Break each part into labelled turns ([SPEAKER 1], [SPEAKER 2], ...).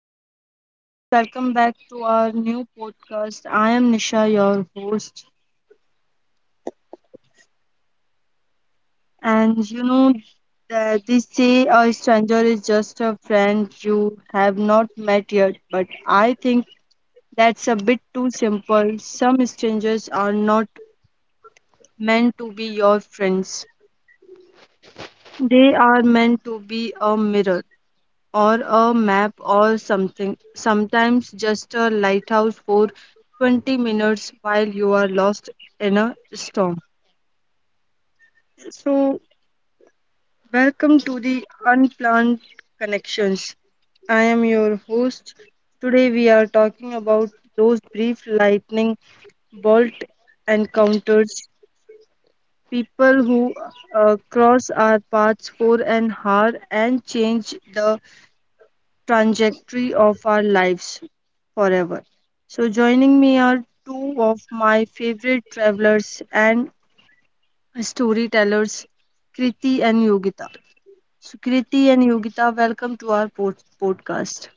[SPEAKER 1] So, hello everyone, welcome back to our new podcast. I am Nisha, your host, and you know that they say a stranger is just a friend you have not met yet, but I think that's a bit too simple. Some strangers are not meant to be your friends, they are meant to be a mirror, or a map, or something, sometimes just a lighthouse for 20 minutes while you are lost in a storm. So welcome to The Unplanned Connections. I am your host. Today we are talking about those brief lightning bolt encounters, people who cross our paths for an hour and change the trajectory of our lives forever. So, joining me are two of my favorite travelers and storytellers, Kriti and Yogita. So, Kriti and Yogita, welcome to our podcast.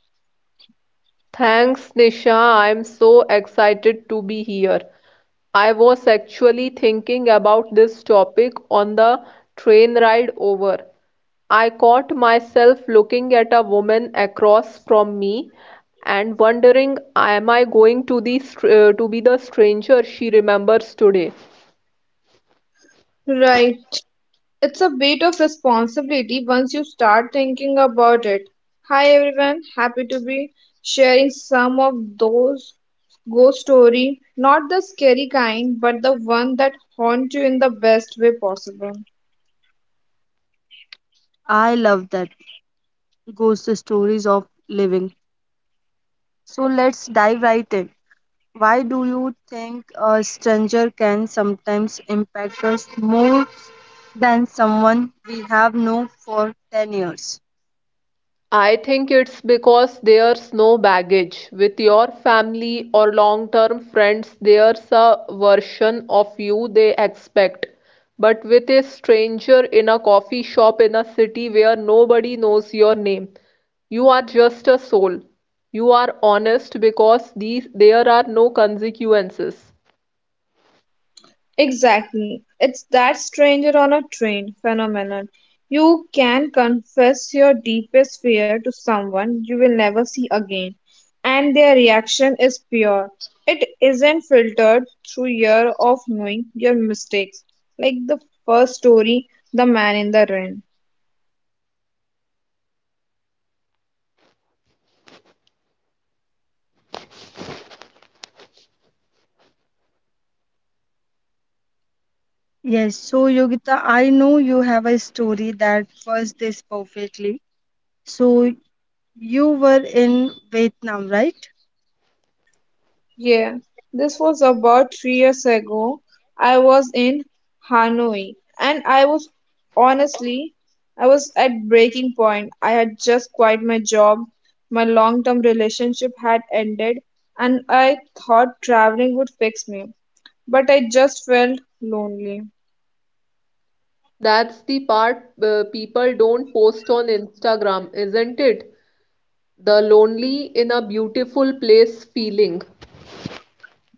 [SPEAKER 2] Thanks, Nisha. I'm so excited to be here. I was actually thinking about this topic on the train ride over. I caught myself looking at a woman across from me and wondering, am I going to be the stranger she remembers today?
[SPEAKER 3] Right. It's a bit of responsibility once you start thinking about it. Hi everyone, happy to be sharing some of those ghost story, not the scary kind, but the one that haunt you in the best way possible.
[SPEAKER 1] I love that. Goes the stories of living. So, let's dive right in. Why do you think a stranger can sometimes impact us more than someone we have known for 10 years?
[SPEAKER 2] I think it's because there's no baggage. With your family or long-term friends, there's a version of you they expect. But with a stranger in a coffee shop in a city where nobody knows your name, you are just a soul. You are honest because these there are no consequences.
[SPEAKER 3] Exactly. It's that stranger on a train phenomenon. You can confess your deepest fear to someone you will never see again, and their reaction is pure. It isn't filtered through year of knowing your mistakes, like the first story, The Man in the Rain.
[SPEAKER 1] Yes, so Yogita, I know you have a story that fits this perfectly. So you were in Vietnam, right?
[SPEAKER 3] Yeah, this was about 3 years ago. I was in Hanoi and I was honestly, I was at breaking point. I had just quit my job, my long-term relationship had ended, and I thought traveling would fix me, but I just felt lonely.
[SPEAKER 2] That's the part people don't post on Instagram, isn't it? The lonely in a beautiful place feeling.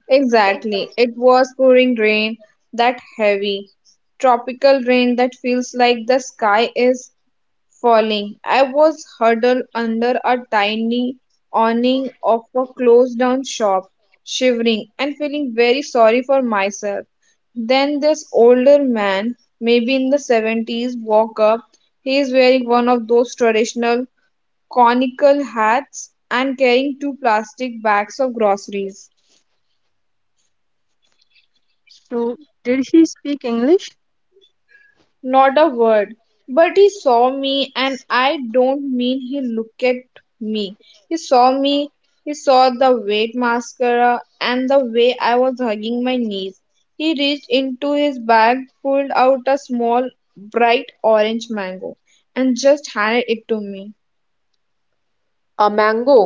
[SPEAKER 3] Exactly. It was pouring rain, that heavy, tropical rain that feels like the sky is falling. I was huddled under a tiny awning of a closed down shop, shivering and feeling very sorry for myself. Then this older man, maybe in the 70s, walked up. He is wearing one of those traditional conical hats and carrying two plastic bags of groceries.
[SPEAKER 1] So did she speak English?
[SPEAKER 3] Not a word. But he saw me, and I don't mean he looked at me. He saw me, he saw the wet mascara and the way I was hugging my knees. He reached into his bag, pulled out a small, bright orange mango, and just handed it to me.
[SPEAKER 2] A mango.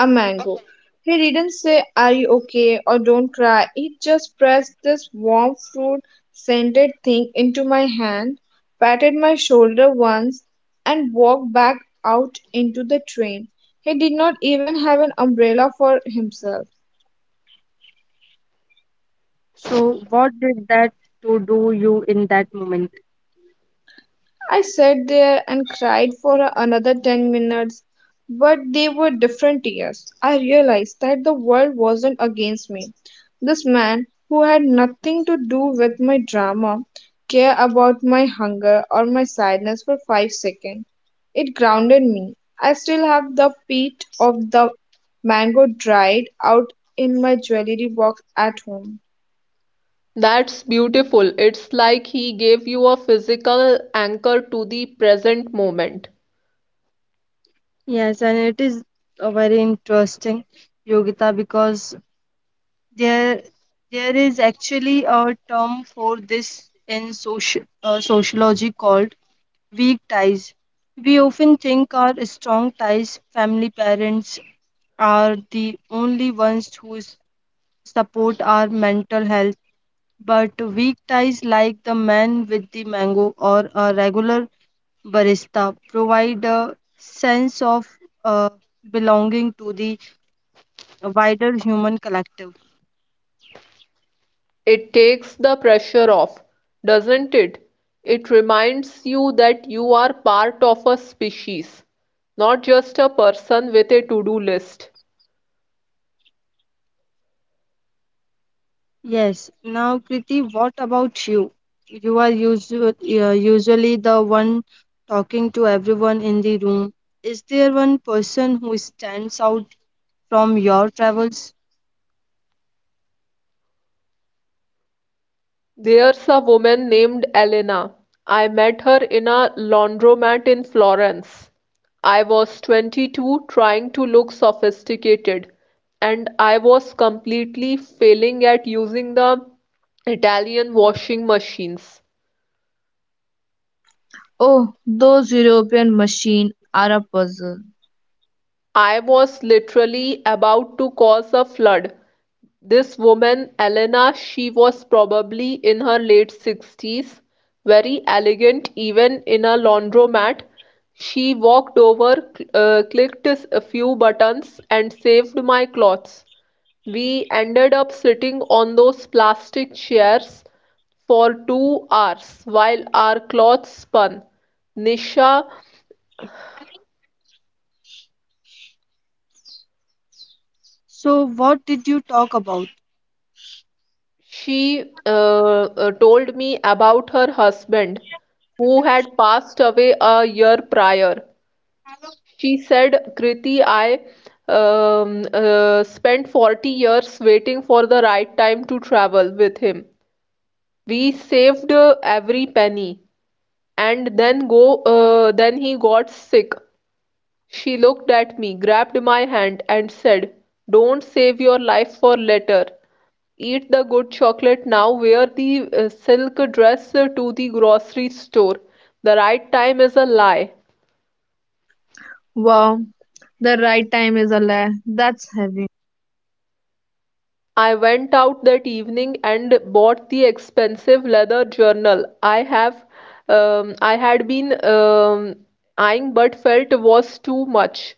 [SPEAKER 3] A mango. He didn't say, "Are you okay?" or "Don't cry." He just pressed this warm fruit scented thing into my hand, patted my shoulder once, and walked back out into the train. He did not even have an umbrella for himself.
[SPEAKER 1] So what did that to do you in that moment?
[SPEAKER 3] I sat there and cried for another 10 minutes, but they were different tears. I realized that the world wasn't against me. This man, who had nothing to do with my drama, cared about my hunger or my sadness for 5 seconds. It grounded me. I still have the pit of the mango dried out in my jewelry box at home.
[SPEAKER 2] That's beautiful. It's like he gave you a physical anchor to the present moment.
[SPEAKER 1] Yes, and it is a very interesting, Yogita, because there there is actually a term for this in social sociology called weak ties. We often think our strong ties, family, parents, are the only ones who support our mental health, but weak ties like the man with the mango or a regular barista provide a sense of uh, belonging to the wider human collective.
[SPEAKER 2] It takes the pressure off, doesn't it? It reminds you that you are part of a species, not just a person with a to-do list.
[SPEAKER 1] Yes. Now, Kriti, what about you? You are usually the one talking to everyone in the room. Is there one person who stands out from your travels?
[SPEAKER 2] There's a woman named Elena. I met her in a laundromat in Florence. I was 22 trying to look sophisticated, and I was completely failing at using the Italian washing machines.
[SPEAKER 3] Oh, those European machines are a puzzle.
[SPEAKER 2] I was literally about to cause a flood. This woman, Elena, she was probably in her late 60s, very elegant, even in a laundromat. She walked over, clicked a few buttons, and saved my clothes. We ended up sitting on those plastic chairs for 2 hours while our clothes spun. Nisha,
[SPEAKER 1] So, what did you talk about?
[SPEAKER 2] she told me about her husband who had passed away a year prior. She said, Kriti, I spent 40 years waiting for the right time to travel with him. We saved every penny, and then he got sick. She looked at me, grabbed my hand and said, "Don't save your life for later. Eat the good chocolate now. Wear the silk dress to the grocery store. The right time is a lie."
[SPEAKER 3] Wow, the right time is a lie. That's heavy.
[SPEAKER 2] I went out that evening and bought the expensive leather journal I had been eyeing but felt was too much.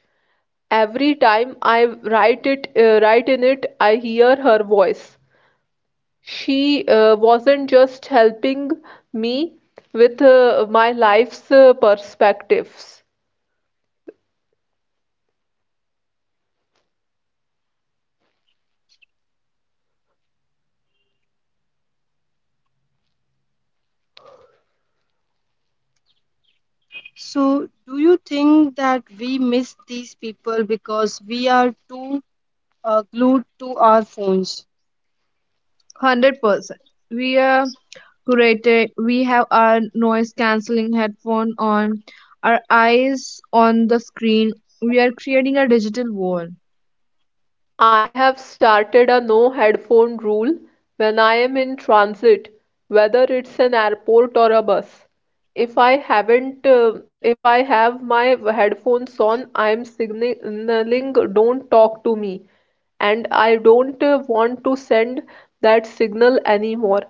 [SPEAKER 2] Every time I write in it, I hear her voice. She wasn't just helping me with my life's perspectives.
[SPEAKER 1] So, do you think that we miss these people because we are too glued to our phones?
[SPEAKER 3] 100%. We are curated. We have our noise cancelling headphone on, our eyes on the screen. We are creating a digital wall.
[SPEAKER 2] I have started a no headphone rule when I am in transit, whether it's an airport or a bus. If I have my headphones on, I'm signaling don't talk to me, and I don't want to send that signal anymore.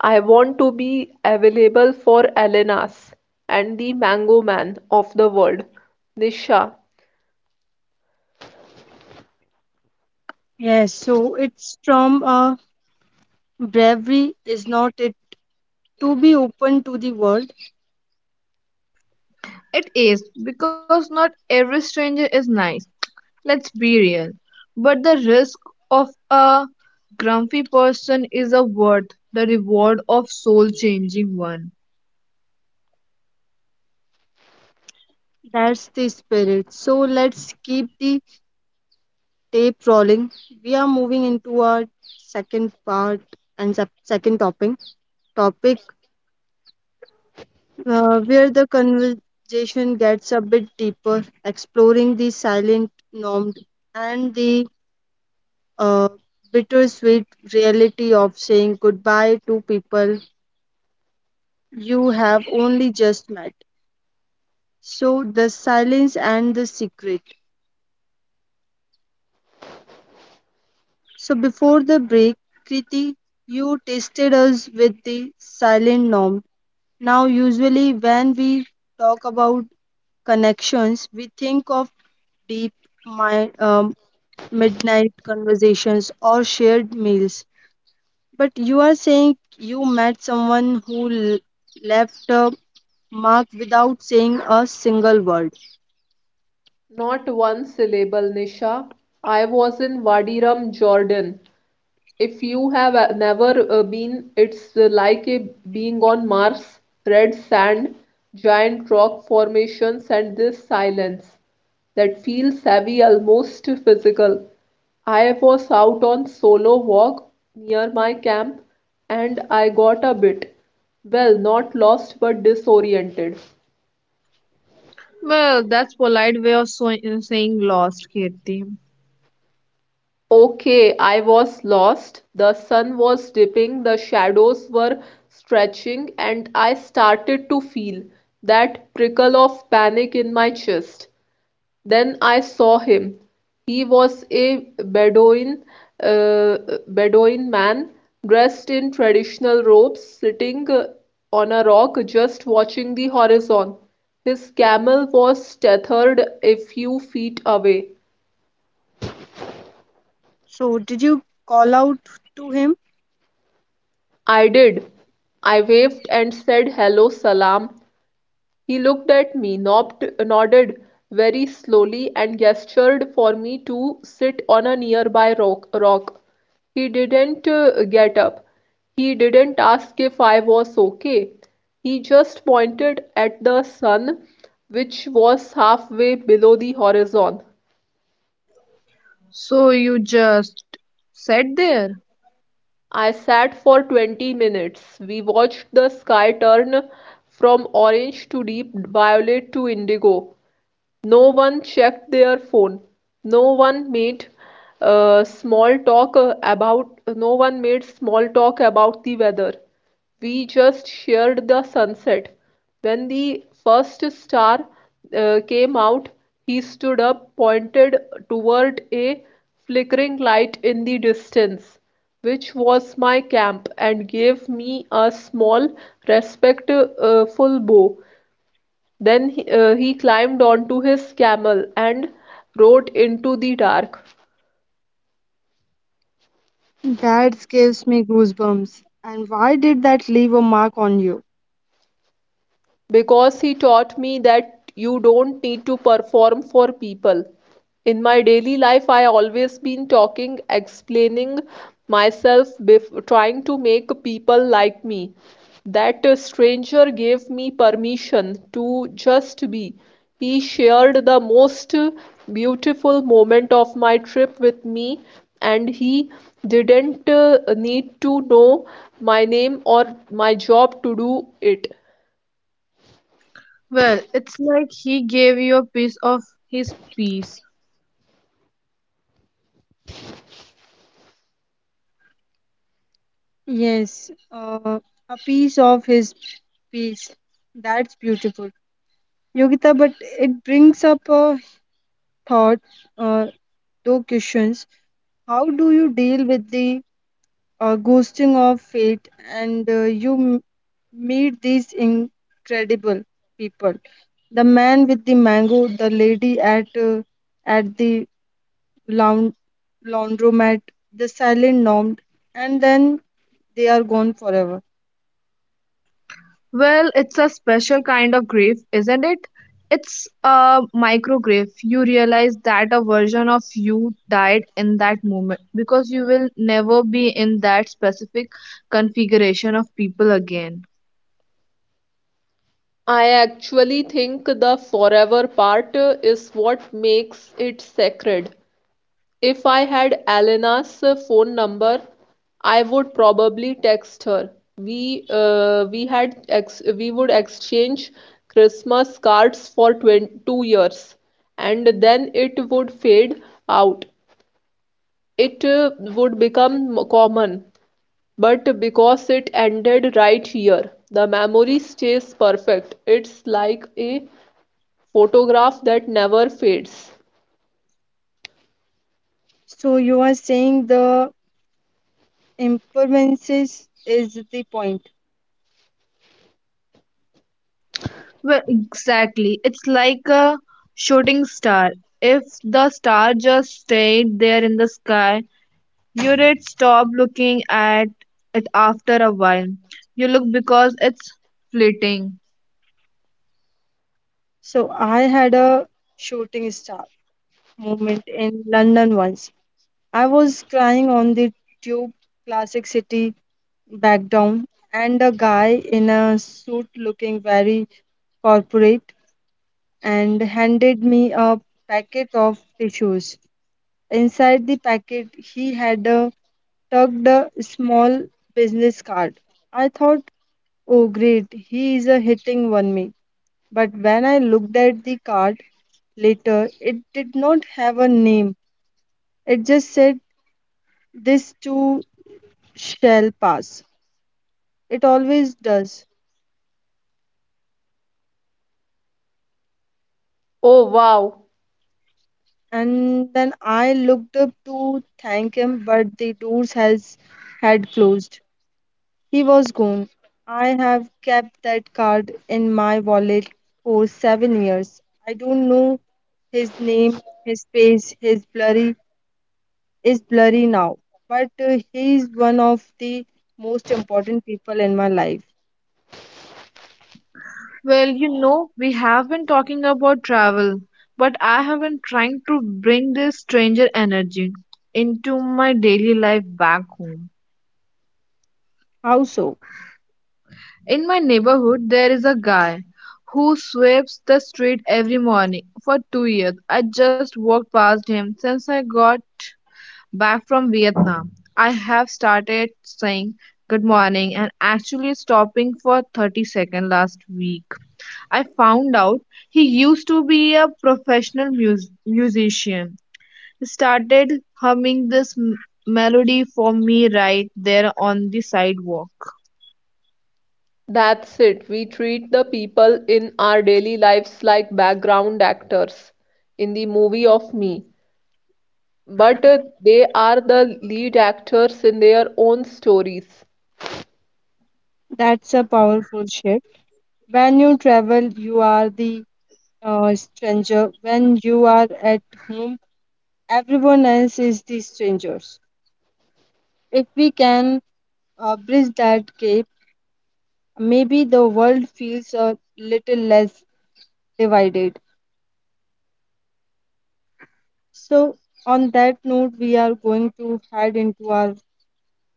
[SPEAKER 2] I want to be available for Elenas and the Mango Man of the world. Nisha,
[SPEAKER 1] Yes, so it's from a bravery, is not it? To be open to the world.
[SPEAKER 3] It is because not every stranger is nice. Let's be real. But the risk of a grumpy person is a worth the reward of soul changing one.
[SPEAKER 1] That's the spirit. So let's keep the tape rolling. We are moving into our second part and second topic, where the conversation gets a bit deeper, exploring the silent normed and the uh, bittersweet reality of saying goodbye to people you have only just met. So the silence and the secret. So before the break, Kriti, you tested us with the silent norm. Now, usually when we talk about connections, we think of deep mi- um, midnight conversations or shared meals. But you are saying you met someone who left a mark without saying a single word.
[SPEAKER 2] not one syllable, Nisha. I was in Wadi Rum, Jordan. If you have never been, it's like a being on Mars, red sand, giant rock formations, and this silence that feels heavy, almost physical. I was out on solo walk near my camp and I got a bit, well, not lost but disoriented.
[SPEAKER 3] Well, that's polite way of saying lost, Kirti.
[SPEAKER 2] Okay, I was lost. The sun was dipping, the shadows were stretching, and I started to feel that prickle of panic in my chest. Then I saw him. He was a uh, Bedouin man dressed in traditional robes, sitting on a rock just watching the horizon. His camel was tethered a few feet away.
[SPEAKER 1] So, did you call out to him?
[SPEAKER 2] I did. I waved and said hello, salam. He looked at me, nodded very slowly, and gestured for me to sit on a nearby rock. He didn't get up. He didn't ask if I was okay. He just pointed at the sun, which was halfway below the horizon.
[SPEAKER 3] So you just sat there?
[SPEAKER 2] I sat for 20 minutes. We watched the sky turn from orange to deep violet to indigo. No one checked their phone. No one made small talk about no one made small talk about the weather. We just shared the sunset. When the first star came out, he stood up, pointed toward a flickering light in the distance, which was my camp, and gave me a small, respectful bow. Then he climbed onto his camel and rode into the dark.
[SPEAKER 1] That gives me goosebumps. And why did that leave a mark on you?
[SPEAKER 2] Because he taught me that you don't need to perform for people. In my daily life, I always been talking, explaining myself, trying to make people like me. That stranger gave me permission to just be. He shared the most beautiful moment of my trip with me, and he didn't need to know my name or my job to do it.
[SPEAKER 3] Well, it's like he gave you a piece of his piece.
[SPEAKER 1] Yes, a piece of his piece. That's beautiful, Yogita. But it brings up a thought, uh, two questions. How do you deal with the ghosting of fate, and you meet these incredible people? The man with the mango, the lady at the laun- laundromat, the silent nom, and then they are gone forever.
[SPEAKER 3] Well, it's a special kind of grief, isn't it? It's a micro grief. You realize that a version of you died in that moment because you will never be in that specific configuration of people again.
[SPEAKER 2] I actually think the forever part is what makes it sacred. If I had Elena's phone number, I would probably text her. We had ex we would exchange Christmas cards for 20, 2 years, and then it would fade out. It would become common, but because it ended right here, the memory stays perfect. It's like a photograph that never fades.
[SPEAKER 1] So you are saying the impermanence is the point.
[SPEAKER 3] Well, exactly. It's like a shooting star. If the star just stayed there in the sky, you'd stop looking at it after a while. You look because it's fleeting.
[SPEAKER 1] So I had a shooting star moment in London once. I was crying on the tube, classic city back down, and a guy in a suit looking very corporate and handed me a packet of tissues. Inside the packet, he had tucked a small business card. I thought, oh great, he is hitting on me. But when I looked at the card later, it did not have a name. It just said, "This too shall pass. It always does."
[SPEAKER 2] Oh wow,
[SPEAKER 1] And then I looked up to thank him, but the doors has had closed. He was gone. I have kept that card in my wallet for 7 years. I don't know his name, his face, his blurry now, but he is one of the most important people in my life.
[SPEAKER 3] Well, you know, we have been talking about travel, but I have been trying to bring this stranger energy into my daily life back home.
[SPEAKER 1] How so?
[SPEAKER 3] In my neighborhood, there is a guy who sweeps the street every morning for 2 years. I just walked past him. Since I got back from Vietnam, I have started saying good morning and actually stopping for 30 seconds last week. I found out he used to be a professional musician. He started humming this melody for me right there on the sidewalk.
[SPEAKER 2] that's it. We treat the people in our daily lives like background actors in the movie of me, but they are the lead actors in their own stories.
[SPEAKER 1] That's a powerful shift. When you travel, you are the stranger. When you are at home, everyone else is the strangers. If we can bridge that gap, maybe the world feels a little less divided. So, on that note, we are going to head into our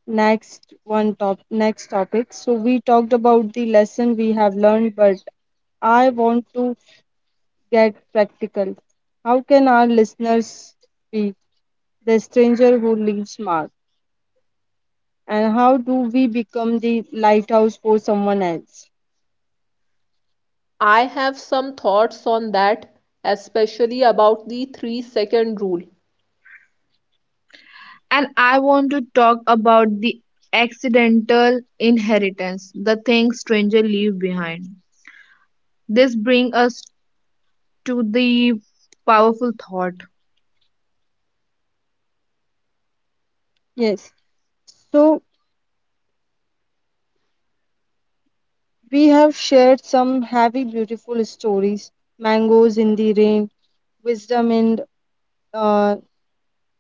[SPEAKER 1] next topic. So we talked about the lesson we have learned, but I want to get practical. How can our listeners be the stranger who leaves mark, and how do we become the lighthouse for someone else?
[SPEAKER 2] I have some thoughts on that, especially about the 3 second rule.
[SPEAKER 3] And I want to talk about the accidental inheritance, the things strangers leave behind. This brings us to the powerful thought.
[SPEAKER 1] Yes, so we have shared some heavy beautiful stories, mangoes in the rain, wisdom in uh,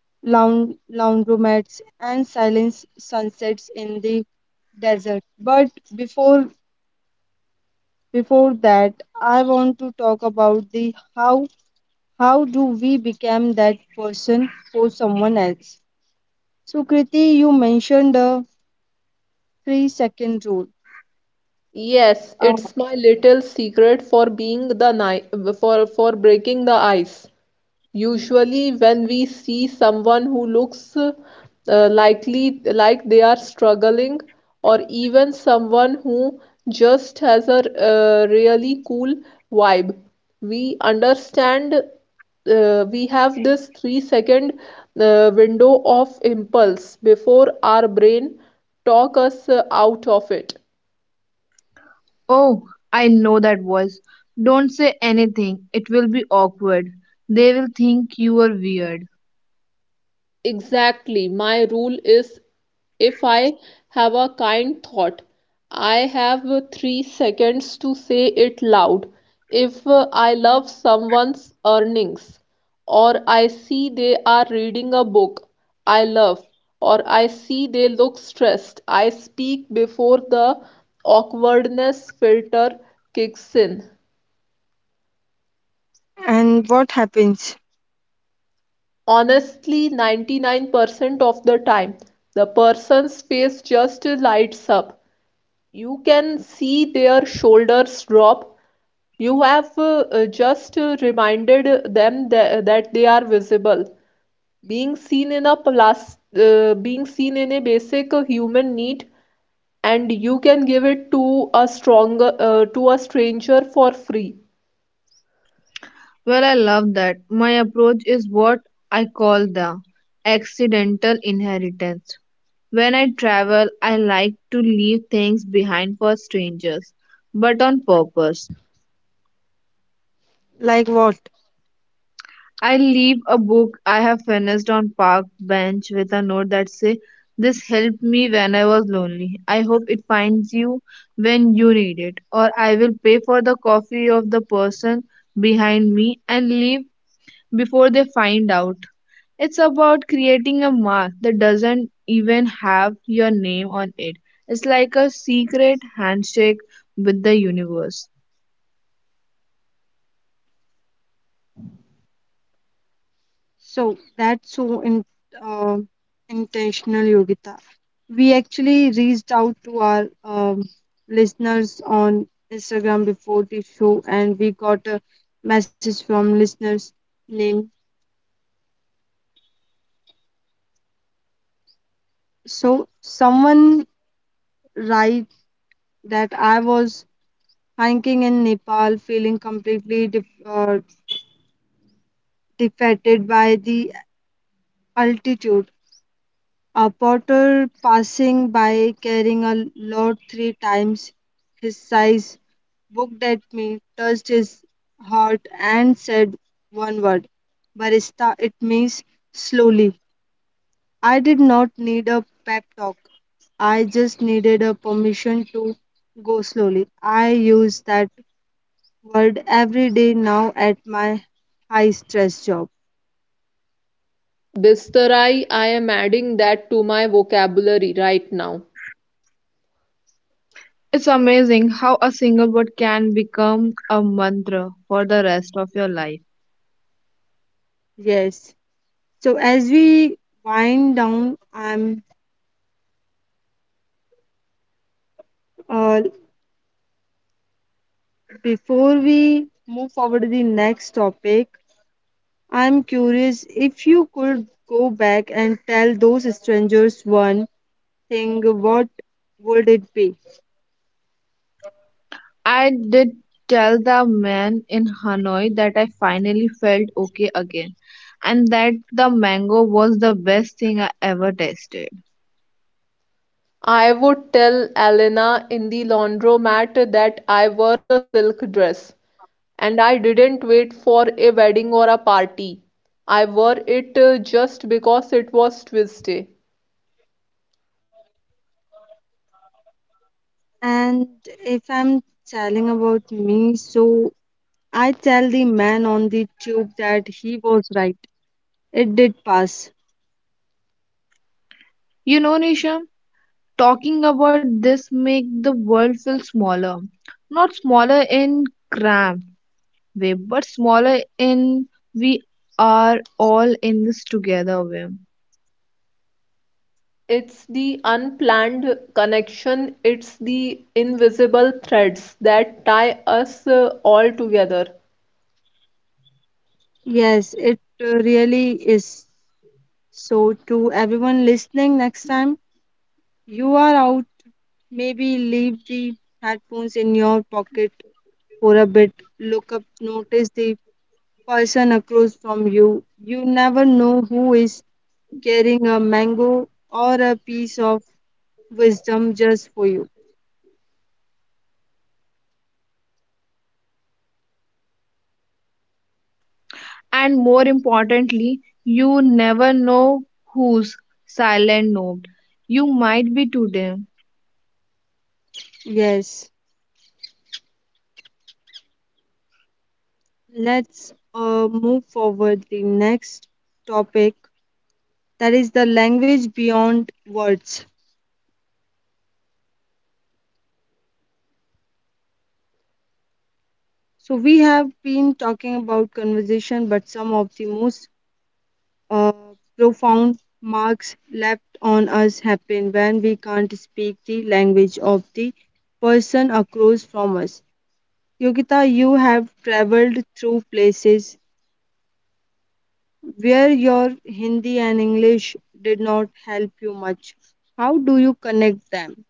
[SPEAKER 1] laundromats, and silent sunsets in the desert. But before before that, I want to talk about the how. How do we become that person for someone else? So Kriti, you mentioned the 3 second rule,
[SPEAKER 2] Yes,
[SPEAKER 1] uh,
[SPEAKER 2] it's my little secret for being the ni for breaking the ice. Usually, when we see someone who looks like they are struggling, or even someone who just has a really cool vibe, we understand we have this 3 second window of impulse before our brain talk us out of it.
[SPEAKER 3] Oh, I know that voice. Don't say anything. It will be awkward. They will think you are weird.
[SPEAKER 2] Exactly. My rule is if I have a kind thought, I have 3 seconds to say it loud. If I love someone's earnings, or I see they are reading a book I love, or I see they look stressed, I speak before the awkwardness filter kicks in.
[SPEAKER 1] and what happens?
[SPEAKER 2] Honestly, 99% of the time, the person's face just lights up. You can see their shoulders drop. You have just reminded that they are visible. Being seen in a basic human need, and you can give it to a to a stranger for free.
[SPEAKER 3] Well, I love that. My approach is what I call the accidental inheritance. When I travel, I like to leave things behind for strangers, but on purpose.
[SPEAKER 1] Like what?
[SPEAKER 3] I leave a book I have finished on park bench with a note that say, "This helped me when I was lonely. I hope it finds you when you need it." Or I will pay for the coffee of the person behind me and leave before they find out. It's about creating a mark that doesn't even have your name on it. It's like a secret handshake with the universe.
[SPEAKER 1] So that's so uh, intentional, Yogita. We actually reached out to our listeners on Instagram before the show, and we got a message from listeners name. So someone write that I was hiking in Nepal, feeling completely defeated by the altitude. A porter passing by carrying a load three times his size looked at me, touched his heart, and said one word, Barista, it means slowly. I did not need a pep talk. I just needed a permission to go slowly. I use that word every day now at my high stress job.
[SPEAKER 2] Bistarai, I am adding that to my vocabulary right now.
[SPEAKER 3] It's amazing how a single word can become a mantra for the rest of your life.
[SPEAKER 1] Yes. So as we wind down, I'm uh, before we move forward to the next topic, I'm curious if you could go back and tell those strangers one thing, what would it be?
[SPEAKER 3] I did tell the man in Hanoi that I finally felt okay again and that the mango was the best thing I ever tasted.
[SPEAKER 2] I would tell Elena in the laundromat that I wore the silk dress, and I didn't wait for a wedding or a party. I wore it just because it was Tuesday.
[SPEAKER 1] And if I'm telling about me, so I tell the man on the tube that he was right. It did pass.
[SPEAKER 3] You know, Nisham, talking about this make the world feel smaller. Not smaller in cramped way, but smaller in we are all in this together way.
[SPEAKER 2] It's the unplanned connection, it's the invisible threads that tie us all together.
[SPEAKER 1] Yes, it really is. So, to everyone listening, next time you are out, maybe leave the headphones in your pocket for a bit, look up, notice the person across from you. You never know who is carrying a mango or a piece of wisdom just for you.
[SPEAKER 3] And more importantly, you never know whose silent note you might be today.
[SPEAKER 1] Yes, let's move forward the next topic, that is the language beyond words. So we have been talking about conversation, but some of the most uh, profound marks left on us happen when we can't speak the language of the person across from us. Yogita, you have traveled through places where your Hindi and English did not help you much. How do you connect them?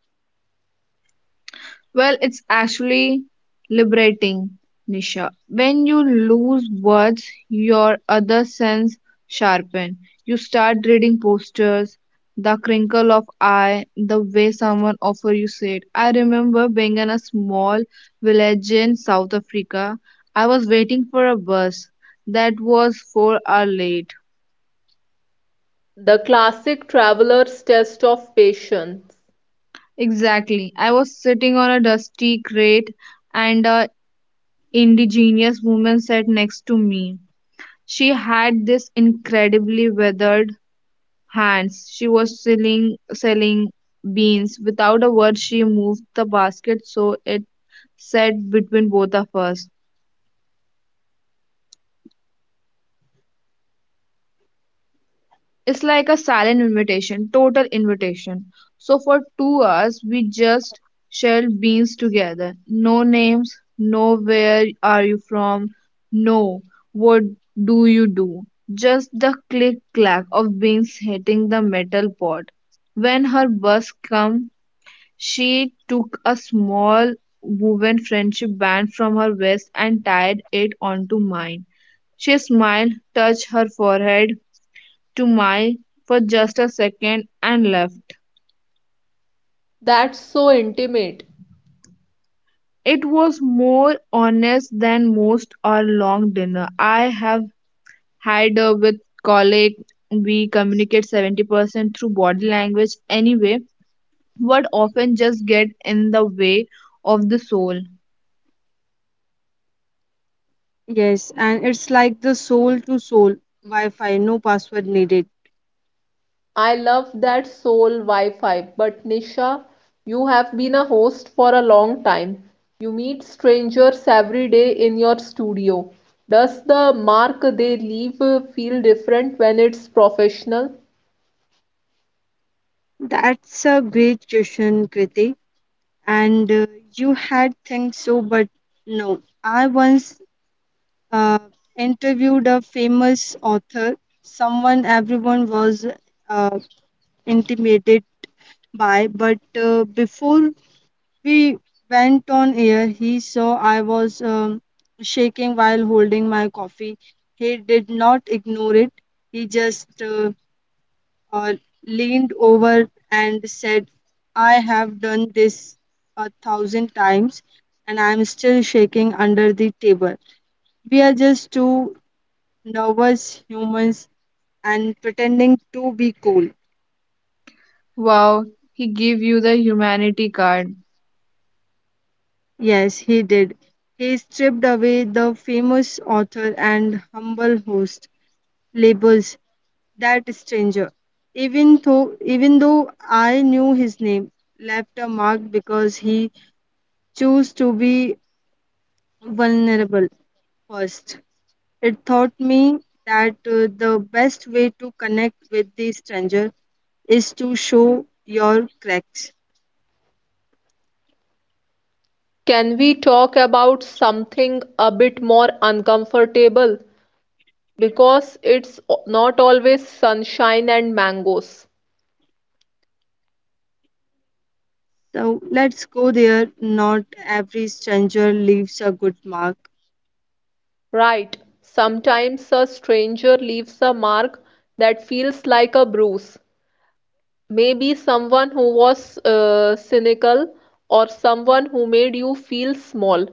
[SPEAKER 3] Well, it's actually liberating, Nisha. When you lose words, your other sense sharpen. You start reading postures, the crinkle of eye, the way someone offer you said. I remember being in a small village in South Africa. I was waiting for a bus that was 4 hours late.
[SPEAKER 2] The classic traveler's test of patience.
[SPEAKER 3] Exactly. I was sitting on a dusty crate and a indigenous woman sat next to me. She had this incredibly weathered hands. She was selling beans. Without a word she moved the basket so it sat between both of us. It's like a silent invitation, total invitation. So for 2 hours, we just shelled beans together. No names, no where are you from, no what do you do. Just the click clack of beans hitting the metal pot. When her bus come, she took a small woven friendship band from her waist and tied it onto mine. She smiled, touched her forehead, to my for just a second and left.
[SPEAKER 2] That's so intimate.
[SPEAKER 3] It was more honest than most our long dinner. I have had with colleague we communicate 70% through body language anyway, what often just get in the way of the soul.
[SPEAKER 1] Yes, and it's like the soul to soul Wi Fi, no password needed.
[SPEAKER 2] I love that soul Wi-Fi, but Nisha, you have been a host for a long time. You meet strangers every day in your studio. Does the mark they leave feel different when it's professional?
[SPEAKER 1] That's a great question, Kriti. And you had things so, but no. I once uh, interviewed a famous author, someone everyone was uh, intimidated by. But before we went on air, he saw I was shaking while holding my coffee. He did not ignore it, he just uh, leaned over and said, "I have done this 1,000 times and I'm still shaking under the table. We are just two nervous humans and pretending to be cool."
[SPEAKER 3] Wow, he gave you the humanity card.
[SPEAKER 1] Yes, he did. He stripped away the famous author and humble host labels. That stranger, even though I knew his name, left a mark because he chose to be vulnerable first. It taught me that the best way to connect with the stranger is to show your cracks.
[SPEAKER 2] Can we talk about something a bit more uncomfortable? Because it's not always sunshine and mangoes.
[SPEAKER 1] So let's go there. Not every stranger leaves a good mark.
[SPEAKER 2] Right, sometimes a stranger leaves a mark that feels like a bruise. Maybe someone who was cynical or someone who made you feel small.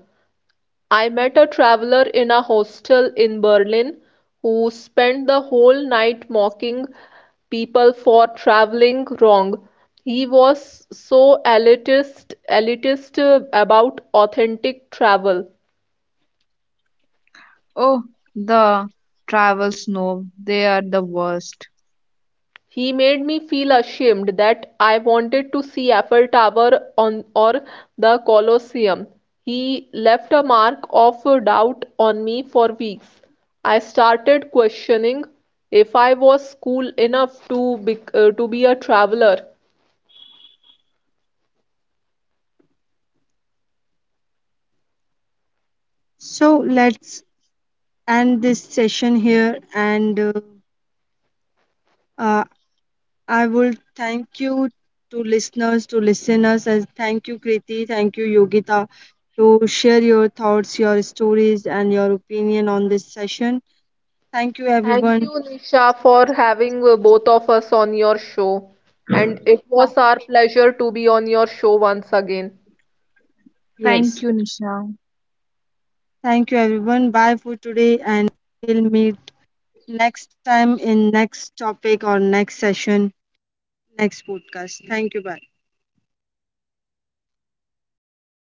[SPEAKER 2] I met a traveler in a hostel in Berlin who spent the whole night mocking people for traveling wrong. He was so elitist about authentic travel.
[SPEAKER 3] Oh, the travel snob, they are the worst.
[SPEAKER 2] He made me feel ashamed that I wanted to see Eiffel Tower on or the Colosseum. He left a mark of doubt on me for weeks. I started questioning if I was cool enough to be a traveler.
[SPEAKER 1] So let's end this session here. And uh, I will thank you to listeners, and thank you, Kriti. Thank you, Yogita, to share your thoughts, your stories, and your opinion on this session. Thank you,
[SPEAKER 2] Thank
[SPEAKER 1] everyone.
[SPEAKER 2] you, Nisha, for having both of us on your show. And it was our pleasure to be on your show once again.
[SPEAKER 3] Thank you,
[SPEAKER 1] Yes.
[SPEAKER 3] Nisha.
[SPEAKER 1] Thank you, everyone. Bye for today. And we'll meet next time in next topic or next session, next podcast. Thank you. Bye.